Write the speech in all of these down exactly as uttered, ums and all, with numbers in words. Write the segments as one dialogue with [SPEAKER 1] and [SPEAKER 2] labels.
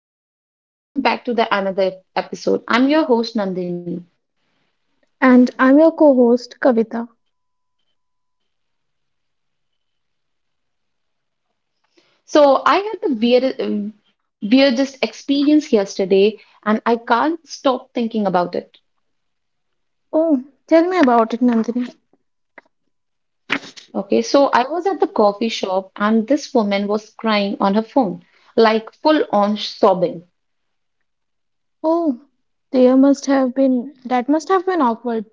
[SPEAKER 1] everyone, welcome back to the another episode. I'm your host Nandini.
[SPEAKER 2] And I'm your co host, Kavita.
[SPEAKER 1] So I had the weird, uh, weirdest experience yesterday, and I can't stop thinking about it.
[SPEAKER 2] Oh, tell me about it, Nandini.
[SPEAKER 1] Okay, so I was at the coffee shop, and this woman was crying on her phone, like full on sobbing.
[SPEAKER 2] Oh, there must have been, that must have been awkward.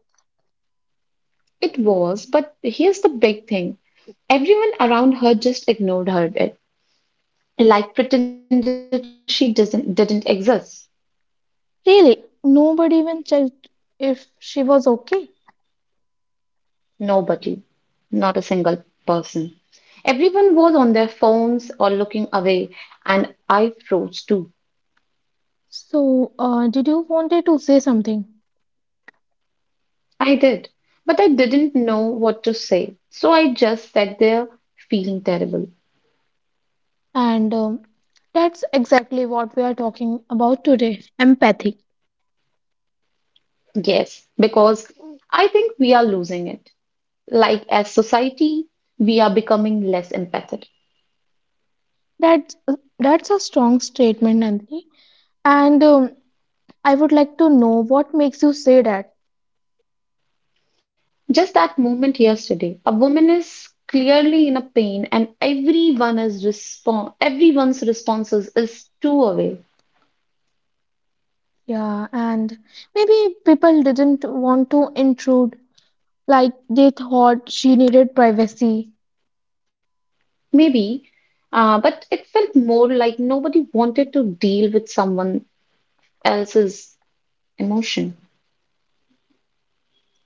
[SPEAKER 1] It was, but here's the big thing: everyone around her just ignored her, it like pretended she doesn't didn't exist.
[SPEAKER 2] Really, nobody even checked if she was okay.
[SPEAKER 1] Nobody, not a single person. Everyone was on their phones or looking away, and I froze too.
[SPEAKER 2] So, uh, did you wanted to say something?
[SPEAKER 1] I did, but I didn't know what to say, so I just sat there feeling terrible.
[SPEAKER 2] And um, that's exactly what we are talking about today empathy.
[SPEAKER 1] Yes, because I think we are losing it. Like, as society, we are becoming less empathetic.
[SPEAKER 2] That's, that's a strong statement, Nandini. And um, I would like to know what makes you say that.
[SPEAKER 1] Just that moment yesterday, a woman is clearly in a pain, and everyone is respon everyone's responses is too away.
[SPEAKER 2] Yeah, and maybe people didn't want to intrude, like they thought she needed privacy.
[SPEAKER 1] Maybe, uh, but it felt more like nobody wanted to deal with someone else's emotion.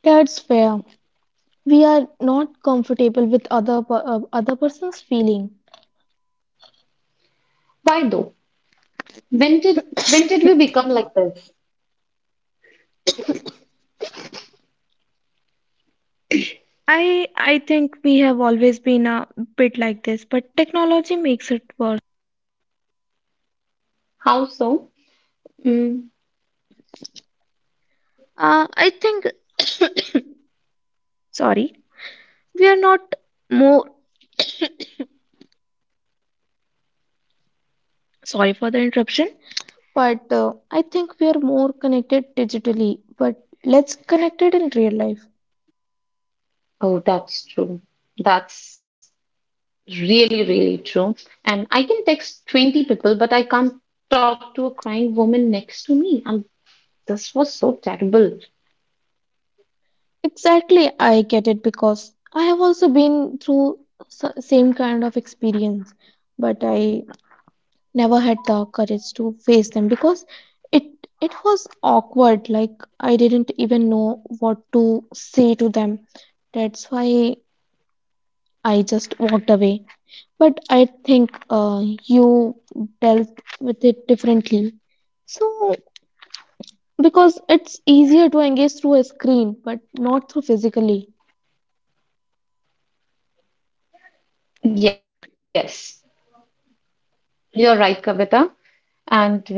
[SPEAKER 2] That's fair. We are not comfortable with other per- uh, other person's feeling.
[SPEAKER 1] Why though? When did when did we become like this?
[SPEAKER 2] I I think we have always been a bit like this, but technology makes it worse.
[SPEAKER 1] How so? Mm.
[SPEAKER 2] Uh, I think sorry, we are not more sorry for the interruption. But uh, I think we are more connected digitally, but let's connect it in real life.
[SPEAKER 1] Oh, that's true. That's really, really true. And I can text twenty people, but I can't talk to a crying woman next to me. And this was so terrible.
[SPEAKER 2] Exactly, I get it because I have also been through s- same kind of experience, but I never had the courage to face them because it it was awkward. Like I didn't even know what to say to them. That's why I just walked away. But I think uh, you dealt with it differently. So because it's easier to engage through a screen, but not through physically.
[SPEAKER 1] Yes, you're right, Kavita. And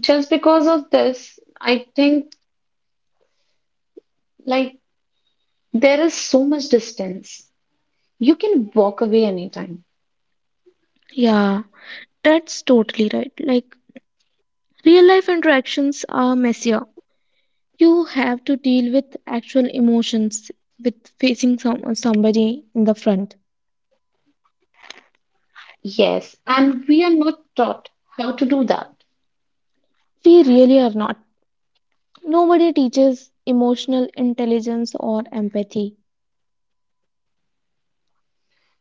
[SPEAKER 1] just because of this, I think like there is so much distance. You can walk away anytime.
[SPEAKER 2] Yeah. That's totally right. Like real life interactions are messier. You have to deal with actual emotions with facing some, somebody in the front.
[SPEAKER 1] Yes, and we are not taught how to do that.
[SPEAKER 2] We really are not. Nobody teaches emotional intelligence or empathy.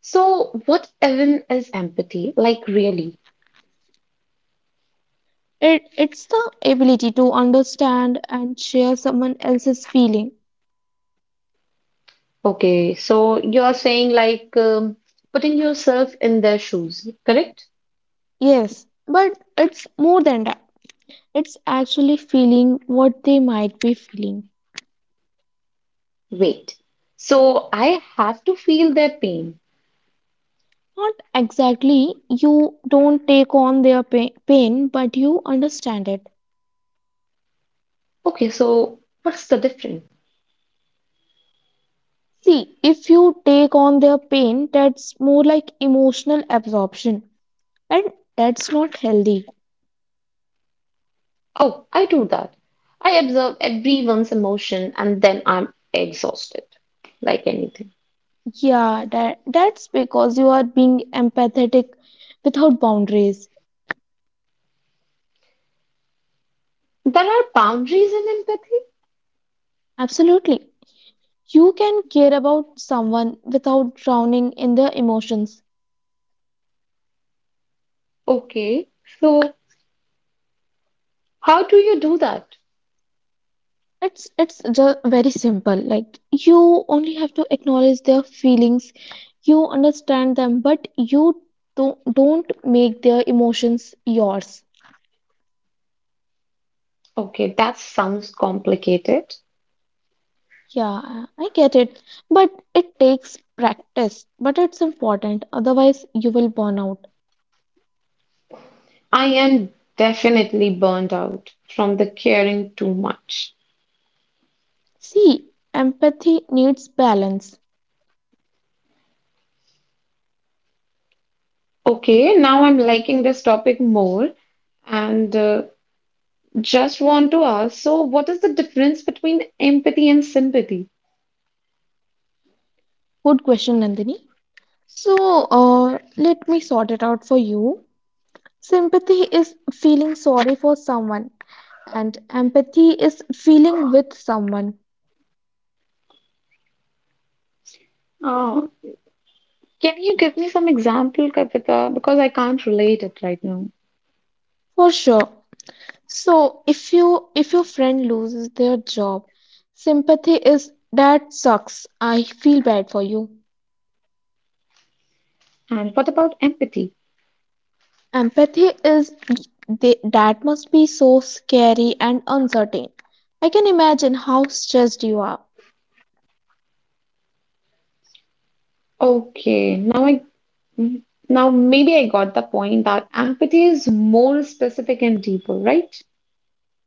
[SPEAKER 1] So, what even is empathy? Like, really?
[SPEAKER 2] It, it's the ability to understand and share someone else's feeling.
[SPEAKER 1] Okay, so you're saying like um, putting yourself in their shoes, correct?
[SPEAKER 2] Yes, but it's more than that. It's actually feeling what they might be feeling.
[SPEAKER 1] Wait. So, I have to feel their pain.
[SPEAKER 2] Not exactly. You don't take on their pa- pain, but you understand it.
[SPEAKER 1] Okay, so what's the difference?
[SPEAKER 2] See, if you take on their pain, that's more like emotional absorption, and that's not healthy.
[SPEAKER 1] Oh, I do that. I observe everyone's emotion and then I'm exhausted, like anything.
[SPEAKER 2] Yeah, that that's because you are being empathetic without boundaries.
[SPEAKER 1] There are boundaries in empathy?
[SPEAKER 2] Absolutely. You can care about someone without drowning in their emotions.
[SPEAKER 1] Okay, so how do you do that?
[SPEAKER 2] It's it's just very simple. Like you only have to acknowledge their feelings. You understand them, but you don't don't make their emotions yours.
[SPEAKER 1] Okay, that sounds complicated.
[SPEAKER 2] Yeah, I get it. But it takes practice, but it's important. Otherwise, you will burn out.
[SPEAKER 1] I am definitely burned out from the caring too much.
[SPEAKER 2] See, empathy needs balance.
[SPEAKER 1] Okay, now I'm liking this topic more and uh, just want to ask, so what is the difference between empathy and sympathy?
[SPEAKER 2] Good question, Nandini. So, uh, let me sort it out for you. Sympathy is feeling sorry for someone, and empathy is feeling with someone
[SPEAKER 1] Uh, can you give me some example, Kavita? Because I can't relate it right now.
[SPEAKER 2] for sure. So if you if your friend loses their job, sympathy is that sucks. I feel bad for you.
[SPEAKER 1] And what about empathy?
[SPEAKER 2] Empathy is they, that must be so scary and uncertain. I can imagine how stressed you are.
[SPEAKER 1] Okay, now I Now, maybe I got the point that empathy is more specific and deeper, right?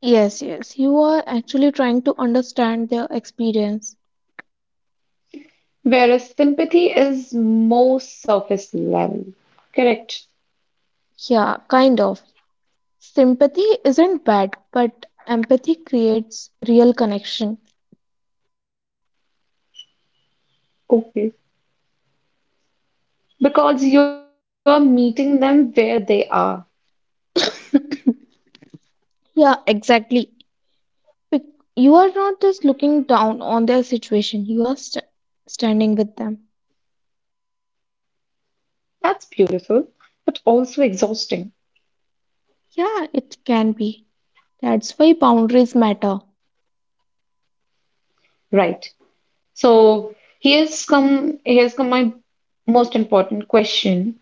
[SPEAKER 2] Yes, yes, you are actually trying to understand their experience.
[SPEAKER 1] Whereas sympathy is more surface level. Correct.
[SPEAKER 2] Yeah, kind of. Sympathy isn't bad, but empathy creates real connection.
[SPEAKER 1] Okay. Because you are meeting them where they are.
[SPEAKER 2] Yeah, exactly. Bec- You are not just looking down on their situation, you are st- standing with them.
[SPEAKER 1] That's beautiful, but also exhausting,
[SPEAKER 2] Yeah, it can be. That's why boundaries matter.
[SPEAKER 1] right? So here's come here's come my most important question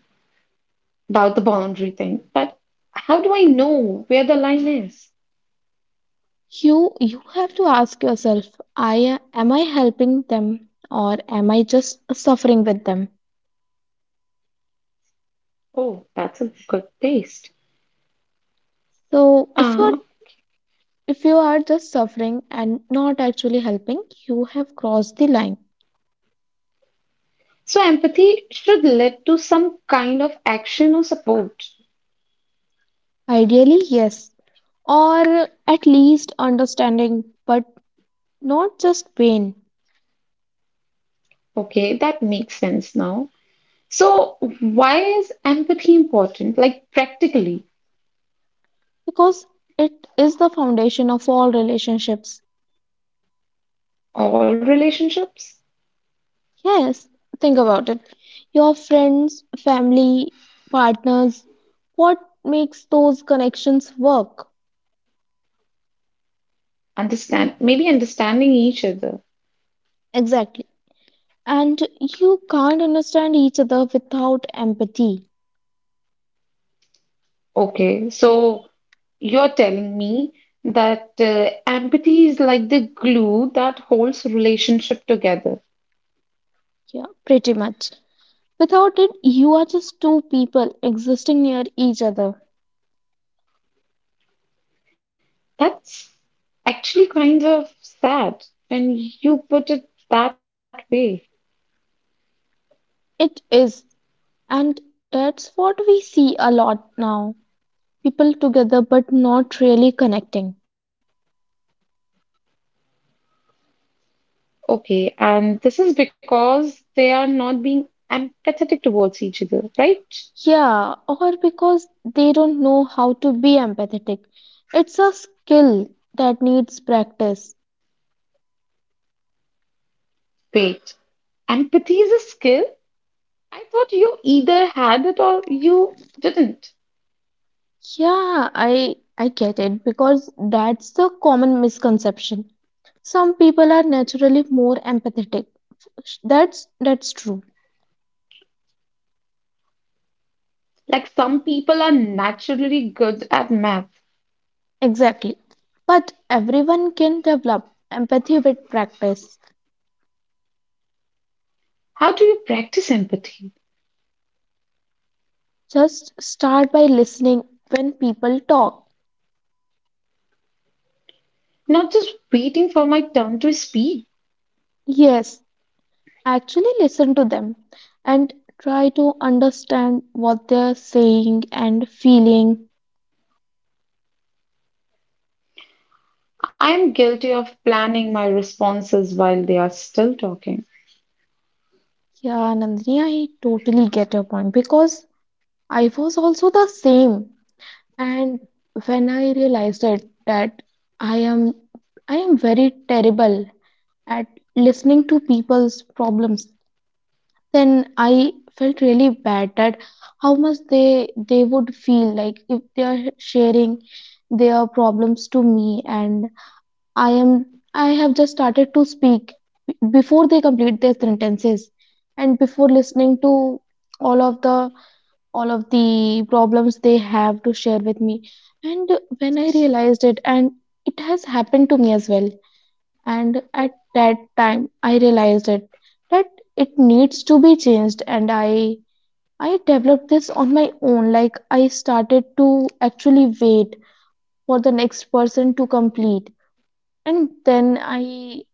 [SPEAKER 1] about the boundary thing. But how do I know where the line is?
[SPEAKER 2] You you have to ask yourself, I am I helping them or am I just suffering with them?
[SPEAKER 1] Oh, that's a good taste.
[SPEAKER 2] So if you
[SPEAKER 1] Uh,
[SPEAKER 2] are if you are just suffering and not actually helping, you have crossed the line.
[SPEAKER 1] So empathy should lead to some kind of action or support.
[SPEAKER 2] Ideally, yes, or at least understanding, but not just pain,
[SPEAKER 1] Okay, that makes sense now. So why is empathy important? Like practically,
[SPEAKER 2] because it is the foundation of all relationships.
[SPEAKER 1] all relationships
[SPEAKER 2] Yes, think about it. Your friends, family, partners, what makes those connections work?
[SPEAKER 1] understand maybe understanding each other.
[SPEAKER 2] Exactly. And you can't understand each other without empathy.
[SPEAKER 1] Okay, so you're telling me that uh, empathy is like the glue that holds relationship together.
[SPEAKER 2] Yeah, pretty much. Without it, you are just two people existing near each other.
[SPEAKER 1] That's actually kind of sad when you put it that way.
[SPEAKER 2] It is. And that's what we see a lot now. People together but not really connecting.
[SPEAKER 1] Okay, and this is because they are not being empathetic towards each other, right?
[SPEAKER 2] Yeah, or because they don't know how to be empathetic. It's a skill that needs practice.
[SPEAKER 1] Wait, empathy is a skill? I thought you either had it or you didn't.
[SPEAKER 2] Yeah, I I get it because that's the common misconception. Some people are naturally more empathetic. Sh- That's that's true.
[SPEAKER 1] Like some people are naturally good at math.
[SPEAKER 2] Exactly. But everyone can develop empathy with practice.
[SPEAKER 1] How do you practice empathy?
[SPEAKER 2] Just start by listening when people talk.
[SPEAKER 1] Not just waiting for my turn to speak.
[SPEAKER 2] Yes, actually listen to them and try to understand what they're saying and feeling.
[SPEAKER 1] I am guilty of planning my responses while they are still talking.
[SPEAKER 2] Yeah, Nandini, I totally get your point because I was also the same. And when I realized it that I am I am very terrible at listening to people's problems, then I felt really bad at how much they they would feel like if they are sharing their problems to me, and i am I have just started to speak b- before they complete their sentences and before listening to all of the all of the problems they have to share with me. And when I realized it, and it has happened to me as well, and at that time I realized it that it needs to be changed. And i I developed this on my own, like I started to actually wait for the next person to complete, and then I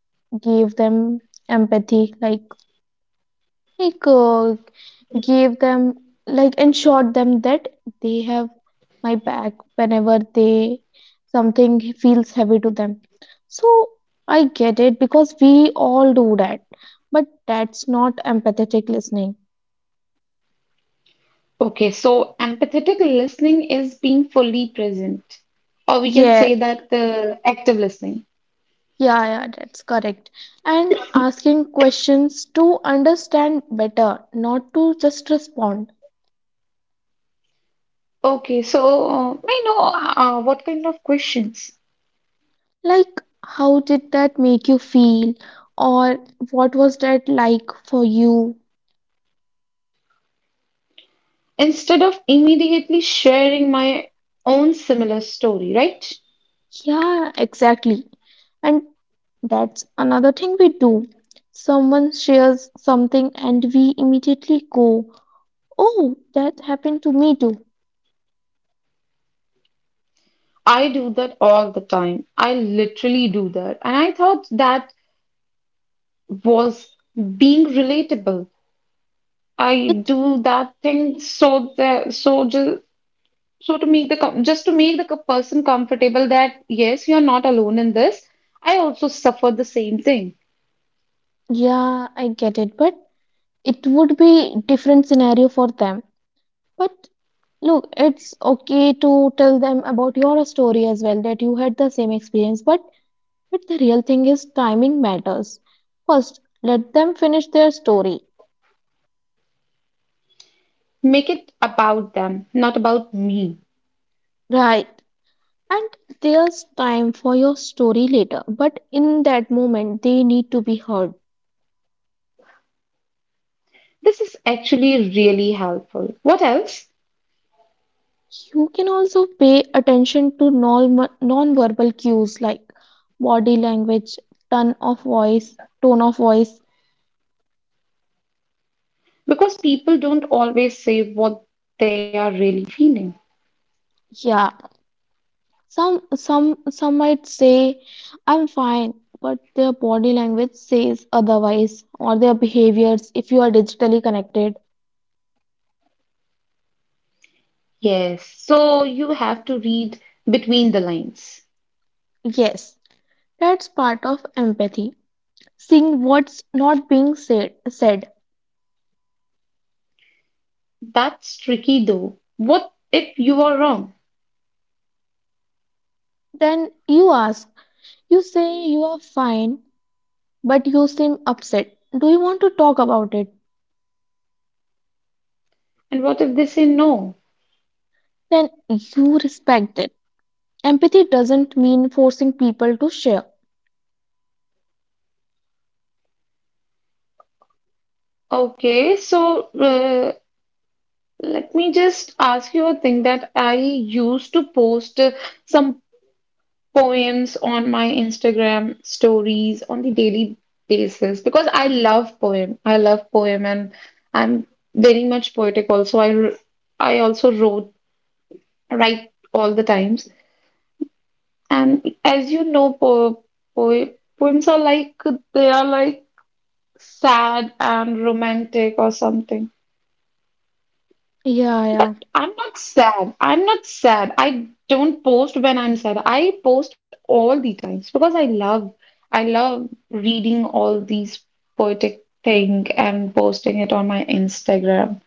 [SPEAKER 2] gave them empathy, like like uh, gave them, like, ensured them that they have my back whenever they something feels heavy to them. So I get it because we all do that, but that's not empathetic listening.
[SPEAKER 1] Okay, so empathetic listening is being fully present, or we can
[SPEAKER 2] yeah
[SPEAKER 1] say that the active listening.
[SPEAKER 2] yeah yeah that's correct. And asking questions to understand better, not to just respond.
[SPEAKER 1] Okay, so uh, I know uh, what kind of questions.
[SPEAKER 2] Like, how did that make you feel, or what was that like for you?
[SPEAKER 1] Instead of immediately sharing my own similar story, right?
[SPEAKER 2] Yeah, exactly. And that's another thing we do. Someone shares something and we immediately go, "Oh, that happened to me too."
[SPEAKER 1] I do that all the time. I literally do that. And I thought that was being relatable. I
[SPEAKER 2] It,
[SPEAKER 1] do that thing so that so just. So to make the com- just to make the co- person comfortable that yes you're not alone in this, I also suffered the same thing.
[SPEAKER 2] yeah, I get it, but it would be different scenario for them. But look, it's okay to tell them about your story as well that you had the same experience, but but the real thing is timing matters. First, let them finish their story.
[SPEAKER 1] Make it about them not about me.
[SPEAKER 2] Right. And there's time for your story later, but in that moment, they need to be heard.
[SPEAKER 1] This is actually really helpful, what else?
[SPEAKER 2] You can also pay attention to non non-verbal cues like body language, tone of voice, tone of voice.
[SPEAKER 1] Because people don't always say what they are really feeling.
[SPEAKER 2] Yeah, some some some might say I'm fine, but their body language says otherwise, or their behaviors if you are digitally connected.
[SPEAKER 1] Yes, so you have to read between the lines.
[SPEAKER 2] Yes, that's part of empathy. Seeing what's not being said said.
[SPEAKER 1] That's tricky though, what if you are wrong?
[SPEAKER 2] Then you ask, you say you are fine, but you seem upset. Do you want to talk about it?
[SPEAKER 1] And what if they say no?
[SPEAKER 2] Then you respect it. Empathy doesn't mean forcing people to share.
[SPEAKER 1] Okay, so uh, let me just ask you a thing that I used to post uh, some poems on my Instagram stories on the daily basis because I love poem. I love poem and I'm very much poetic also. I r- I also wrote write all the times. And as you know, po po poems are like they are like sad and romantic or something.
[SPEAKER 2] Yeah, yeah,
[SPEAKER 1] I'm not sad. I'm not sad. I don't post when I'm sad. I post all the times because I love I love reading all these poetic thing and posting it on my Instagram.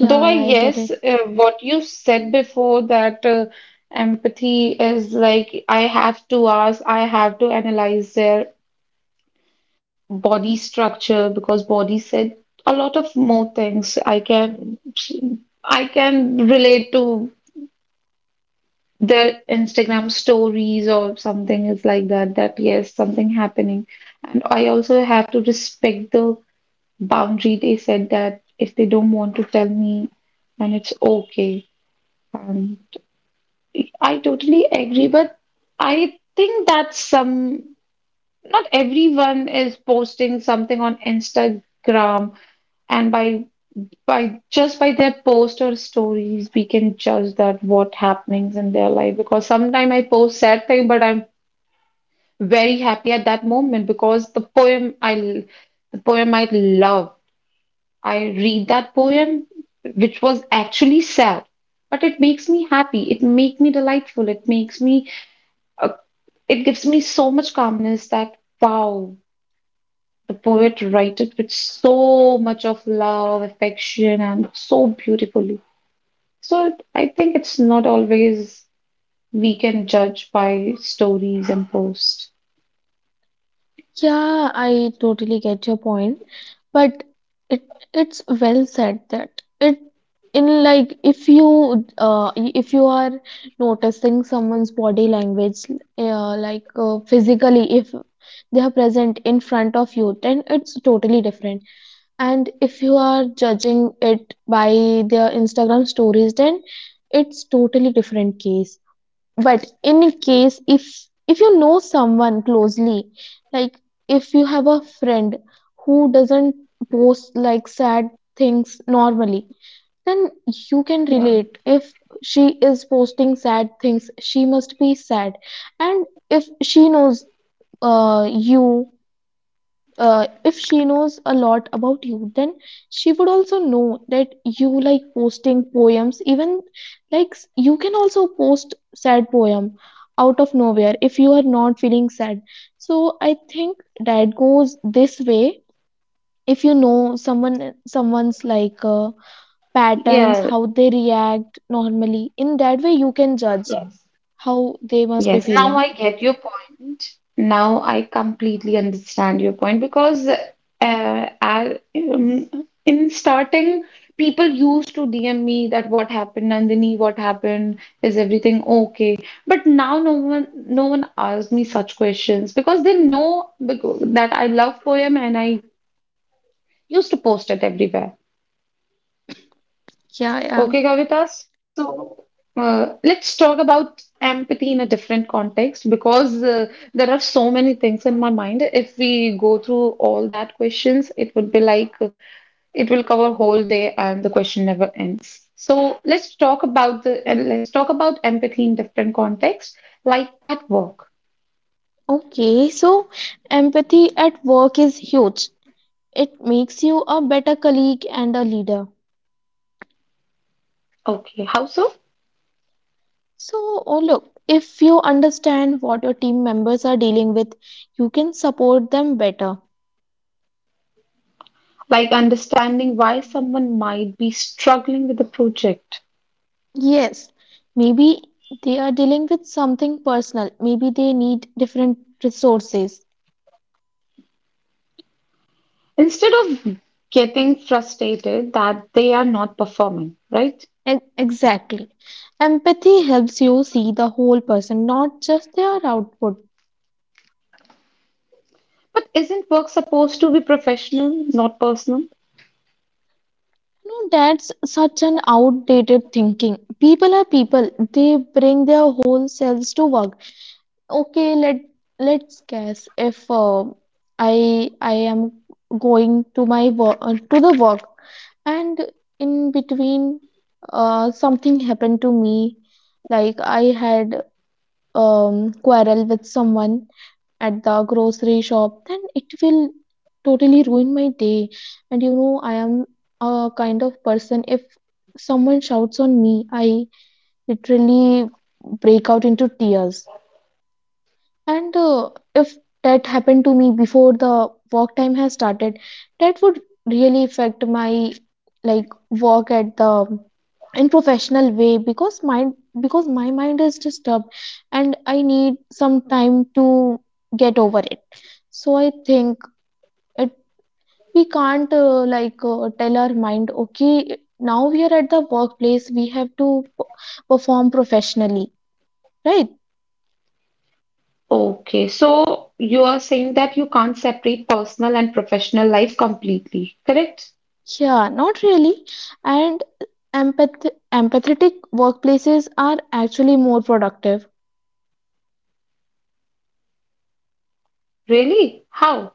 [SPEAKER 1] Though I
[SPEAKER 2] yeah, I get it.
[SPEAKER 1] yes, uh, what you said before that uh, empathy is like I have to ask, I have to analyze their body structure because body said a lot of more things. I can I can relate to their Instagram stories or something is like that, that yes, something happening. And I also have to respect the boundary they said that if they don't want to tell me, then it's okay. Um, I totally agree, but I think that some, not everyone is posting something on Instagram, and by by just by their post or stories, we can judge that what happenings in their life. Because sometimes I post sad thing, but I'm very happy at that moment because the poem I l- the poem I love, I read that poem which was actually sad, but it makes me happy. It makes me delightful. It makes me uh, it gives me so much calmness that wow, the poet write it with so much of love, affection, and so beautifully. So it, I think it's not always we can judge by stories and posts.
[SPEAKER 2] Yeah, I totally get your point, but it it's well said that it in like if you uh i- if you are noticing someone's body language, uh, like uh, physically if they are present in front of you then it's totally different, and if you are judging it by their Instagram stories then it's totally different case. But in case if if you know someone closely, like if you have a friend who doesn't post like sad things normally, then you can
[SPEAKER 1] Yeah.
[SPEAKER 2] relate if she is posting sad things she must be sad. And if she knows uh, you uh, if she knows a lot about you then she would also know that you like posting poems even like s- you can also post sad poem out of nowhere if you are not feeling sad. So I think that goes this way: if you know someone someone's like uh, patterns
[SPEAKER 1] Yeah.
[SPEAKER 2] how they react normally, in that way you can judge
[SPEAKER 1] Yes.
[SPEAKER 2] how they must be
[SPEAKER 1] Yes, now
[SPEAKER 2] feeling.
[SPEAKER 1] I get your point. Now I completely understand your point because uh, I, um, in starting, people used to D M me that what happened, Nandini, what happened? Is everything okay? But now no one, no one asks me such questions because they know becau- that I love poem and I used to post it everywhere.
[SPEAKER 2] Yeah yeah
[SPEAKER 1] Okay, Kavita. So uh, let's talk about empathy in a different context because uh, there are so many things in my mind. If we go through all that questions, it would be like uh, it will cover whole day and the question never ends. So let's talk about the and let's talk about empathy in different context, like at work.
[SPEAKER 2] Okay, so empathy at work is huge. It makes you a better colleague and a leader.
[SPEAKER 1] Okay, how so?
[SPEAKER 2] So, oh, look, if you understand what your team members are dealing with, you can support them better.
[SPEAKER 1] Like understanding why someone might be struggling with the project.
[SPEAKER 2] Yes, maybe they are dealing with something personal, maybe they need different resources.
[SPEAKER 1] Instead of getting frustrated that they are not performing, right?
[SPEAKER 2] E- Exactly. Empathy helps you see the whole person, not just their output.
[SPEAKER 1] But isn't work supposed to be professional, not personal?
[SPEAKER 2] No, that's such an outdated thinking. People are people, they bring their whole selves to work. Okay, let let's guess if uh, I I am going to my work uh, to the work, and in between uh, something happened to me like I had um, quarrel with someone at the grocery shop, then it will totally ruin my day. And you know I am a kind of person if someone shouts on me I literally break out into tears. And uh, if that happened to me before the work time has started, that would really affect my like work at the in professional way because my because my mind is disturbed and I need some time to get over it. So I think it we can't uh, like uh, tell our mind okay now we are at the workplace we have to p- perform professionally, right?
[SPEAKER 1] Okay, so you are saying that you can't separate personal and professional life completely, correct?
[SPEAKER 2] Yeah, not really. And empath empathetic workplaces are actually more productive
[SPEAKER 1] Really? How?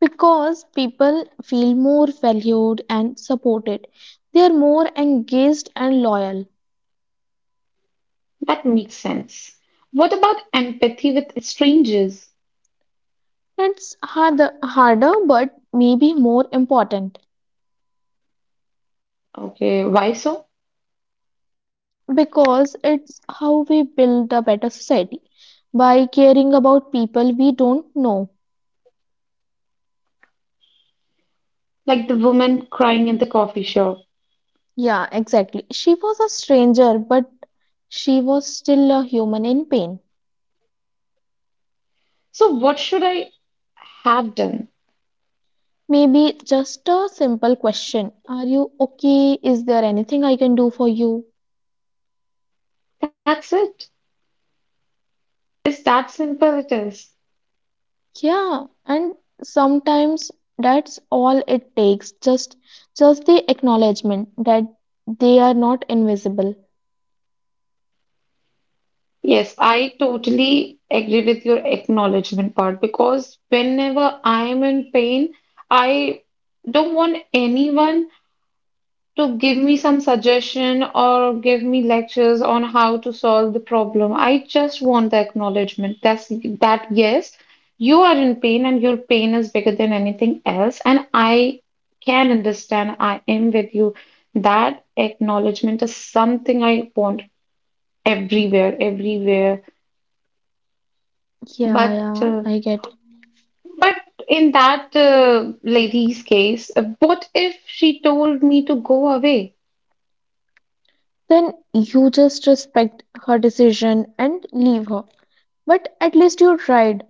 [SPEAKER 2] because people feel more valued and supported. They are more engaged and loyal.
[SPEAKER 1] That makes sense. What about empathy with strangers?
[SPEAKER 2] That's harder, harder, but maybe more important
[SPEAKER 1] Okay, why so?
[SPEAKER 2] because it's how we build a better society by caring about people we don't know.
[SPEAKER 1] Like the woman crying in the coffee shop.
[SPEAKER 2] Yeah, exactly. She was a stranger, but she was still a human in pain.
[SPEAKER 1] So, what should I have done?
[SPEAKER 2] Maybe just a simple question. Are you okay? Is there anything I can do for you?
[SPEAKER 1] That's it. It's that simple, it is.
[SPEAKER 2] Yeah, and sometimes that's all it takes. Just just the acknowledgement that they are not invisible.
[SPEAKER 1] Yes, I totally agree with your acknowledgement part because whenever I am in pain, I don't want anyone to give me some suggestion or give me lectures on how to solve the problem. I just want the acknowledgement that's that yes, you are in pain and your pain is bigger than anything else, and I can understand. I am with you. That acknowledgement is something I want everywhere, everywhere.
[SPEAKER 2] Yeah,
[SPEAKER 1] But
[SPEAKER 2] yeah,
[SPEAKER 1] uh,
[SPEAKER 2] I get it.
[SPEAKER 1] but in that uh, lady's case, uh, what if she told me to go away?
[SPEAKER 2] Then you just respect her decision and leave her. But at least you tried.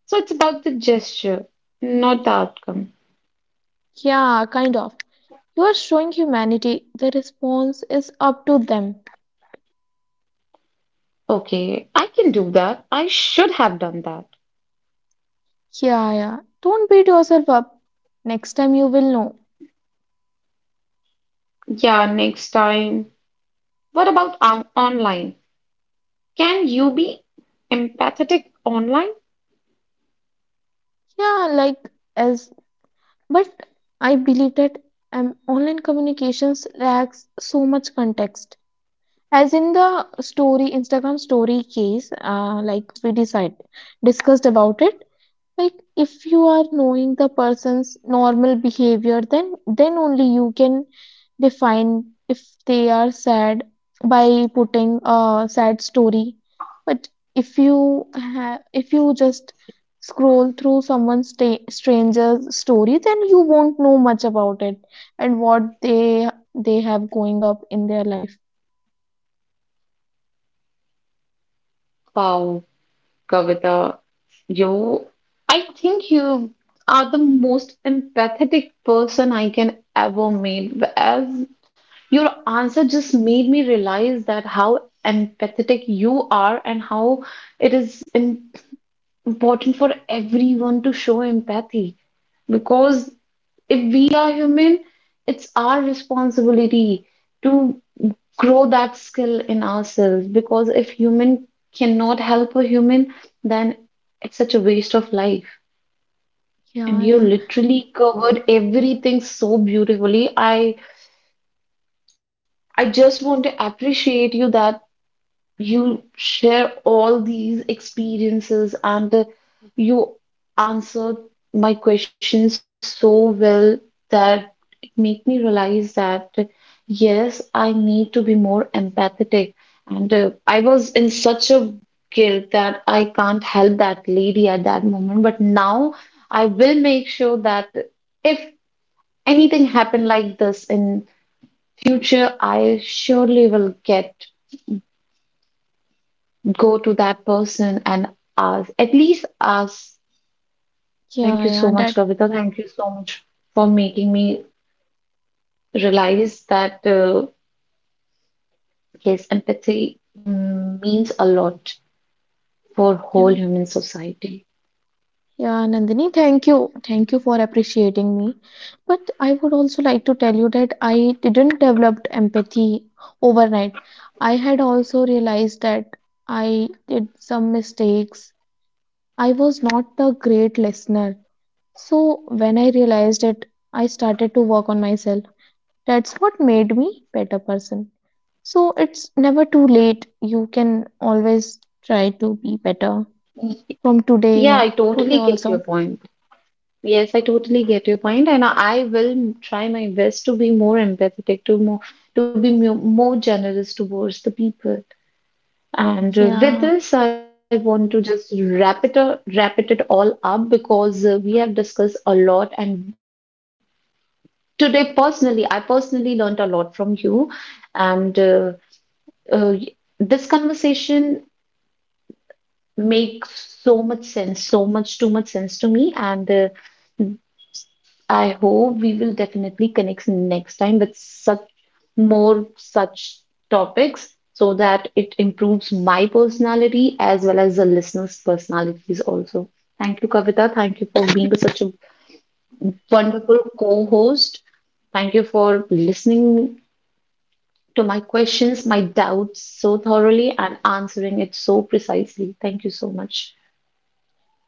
[SPEAKER 1] So it's about the gesture, not the outcome.
[SPEAKER 2] Yeah, kind of. You are showing humanity. The response is up to them.
[SPEAKER 1] Okay, I can do that. I should have done that.
[SPEAKER 2] Yeah, yeah. Don't beat yourself up. Next time you will know.
[SPEAKER 1] Yeah, next time. What about on- online? Can you be empathetic online?
[SPEAKER 2] Yeah, like as but I believe that um, online communications lacks so much context. As in the story, Instagram story case, uh, like we decide discussed about it. Like if you are knowing the person's normal behavior then then only you can define if they are sad by putting a sad story. But if you ha- if you just scroll through someone's sta- stranger's story then you won't know much about it and what they they have going up in their life.
[SPEAKER 1] Wow, Kavita, you, I think you are the most empathetic person I can ever meet. As your answer just made me realize that how empathetic you are and how it is im- important for everyone to show empathy. Because if we are human, it's our responsibility to grow that skill in ourselves. Because if human cannot help a human, then it's such a waste of life. And
[SPEAKER 2] yeah
[SPEAKER 1] you
[SPEAKER 2] yeah
[SPEAKER 1] literally covered everything so beautifully. I I just want to appreciate you that you share all these experiences and uh, you answered my questions so well that it made me realize that uh, yes I need to be more empathetic and uh, I was in such a guilt that I can't help that lady at that moment, but now I will make sure that if anything happen like this in future I surely will get go to that person and ask, at least ask, thank
[SPEAKER 2] yeah
[SPEAKER 1] you
[SPEAKER 2] yeah
[SPEAKER 1] so much,
[SPEAKER 2] that
[SPEAKER 1] Kavita. Thank you so much for making me realize that, uh, yes, empathy mm, means a lot for
[SPEAKER 2] yeah
[SPEAKER 1] whole human society.
[SPEAKER 2] Yeah, Nandini, thank you. Thank you for appreciating me. But I would also like to tell you that I didn't develop empathy overnight. I had also realized that I did some mistakes. I was not a great listener. So when I realized it, I started to work on myself. That's what made me better person. So it's never too late. You can always try to be better from today, you
[SPEAKER 1] Yeah, I
[SPEAKER 2] know, today
[SPEAKER 1] totally get your
[SPEAKER 2] also.
[SPEAKER 1] point. Yes, I totally get your point, and I will try my best to be more empathetic, to more to be mo- more generous towards the people. And uh,
[SPEAKER 2] Yeah.
[SPEAKER 1] with this, I want to just wrap it up, wrap it it all up because uh, we have discussed a lot. And today, personally, I personally learned a lot from you. And uh, uh, this conversation makes so much sense, so much too much sense to me. And uh, I hope we will definitely connect next time with such more such topics so that it improves my personality as well as the listeners' personalities also. Thank you, Kavita. Thank you for being such a wonderful co-host. Thank you for listening to my questions, my doubts so thoroughly and answering it so precisely. Thank you so much.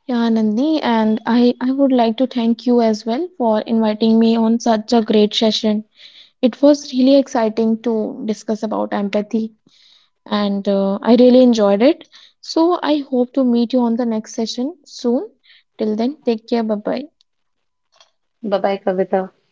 [SPEAKER 2] Yeah, Nandini, and I, I would like to thank you as well for inviting me on such a great session. It was really exciting to discuss about empathy, and uh, I really enjoyed it. So I hope to meet you on the next session soon. Till then, take care. Bye bye.
[SPEAKER 1] Bye bye, Kavita.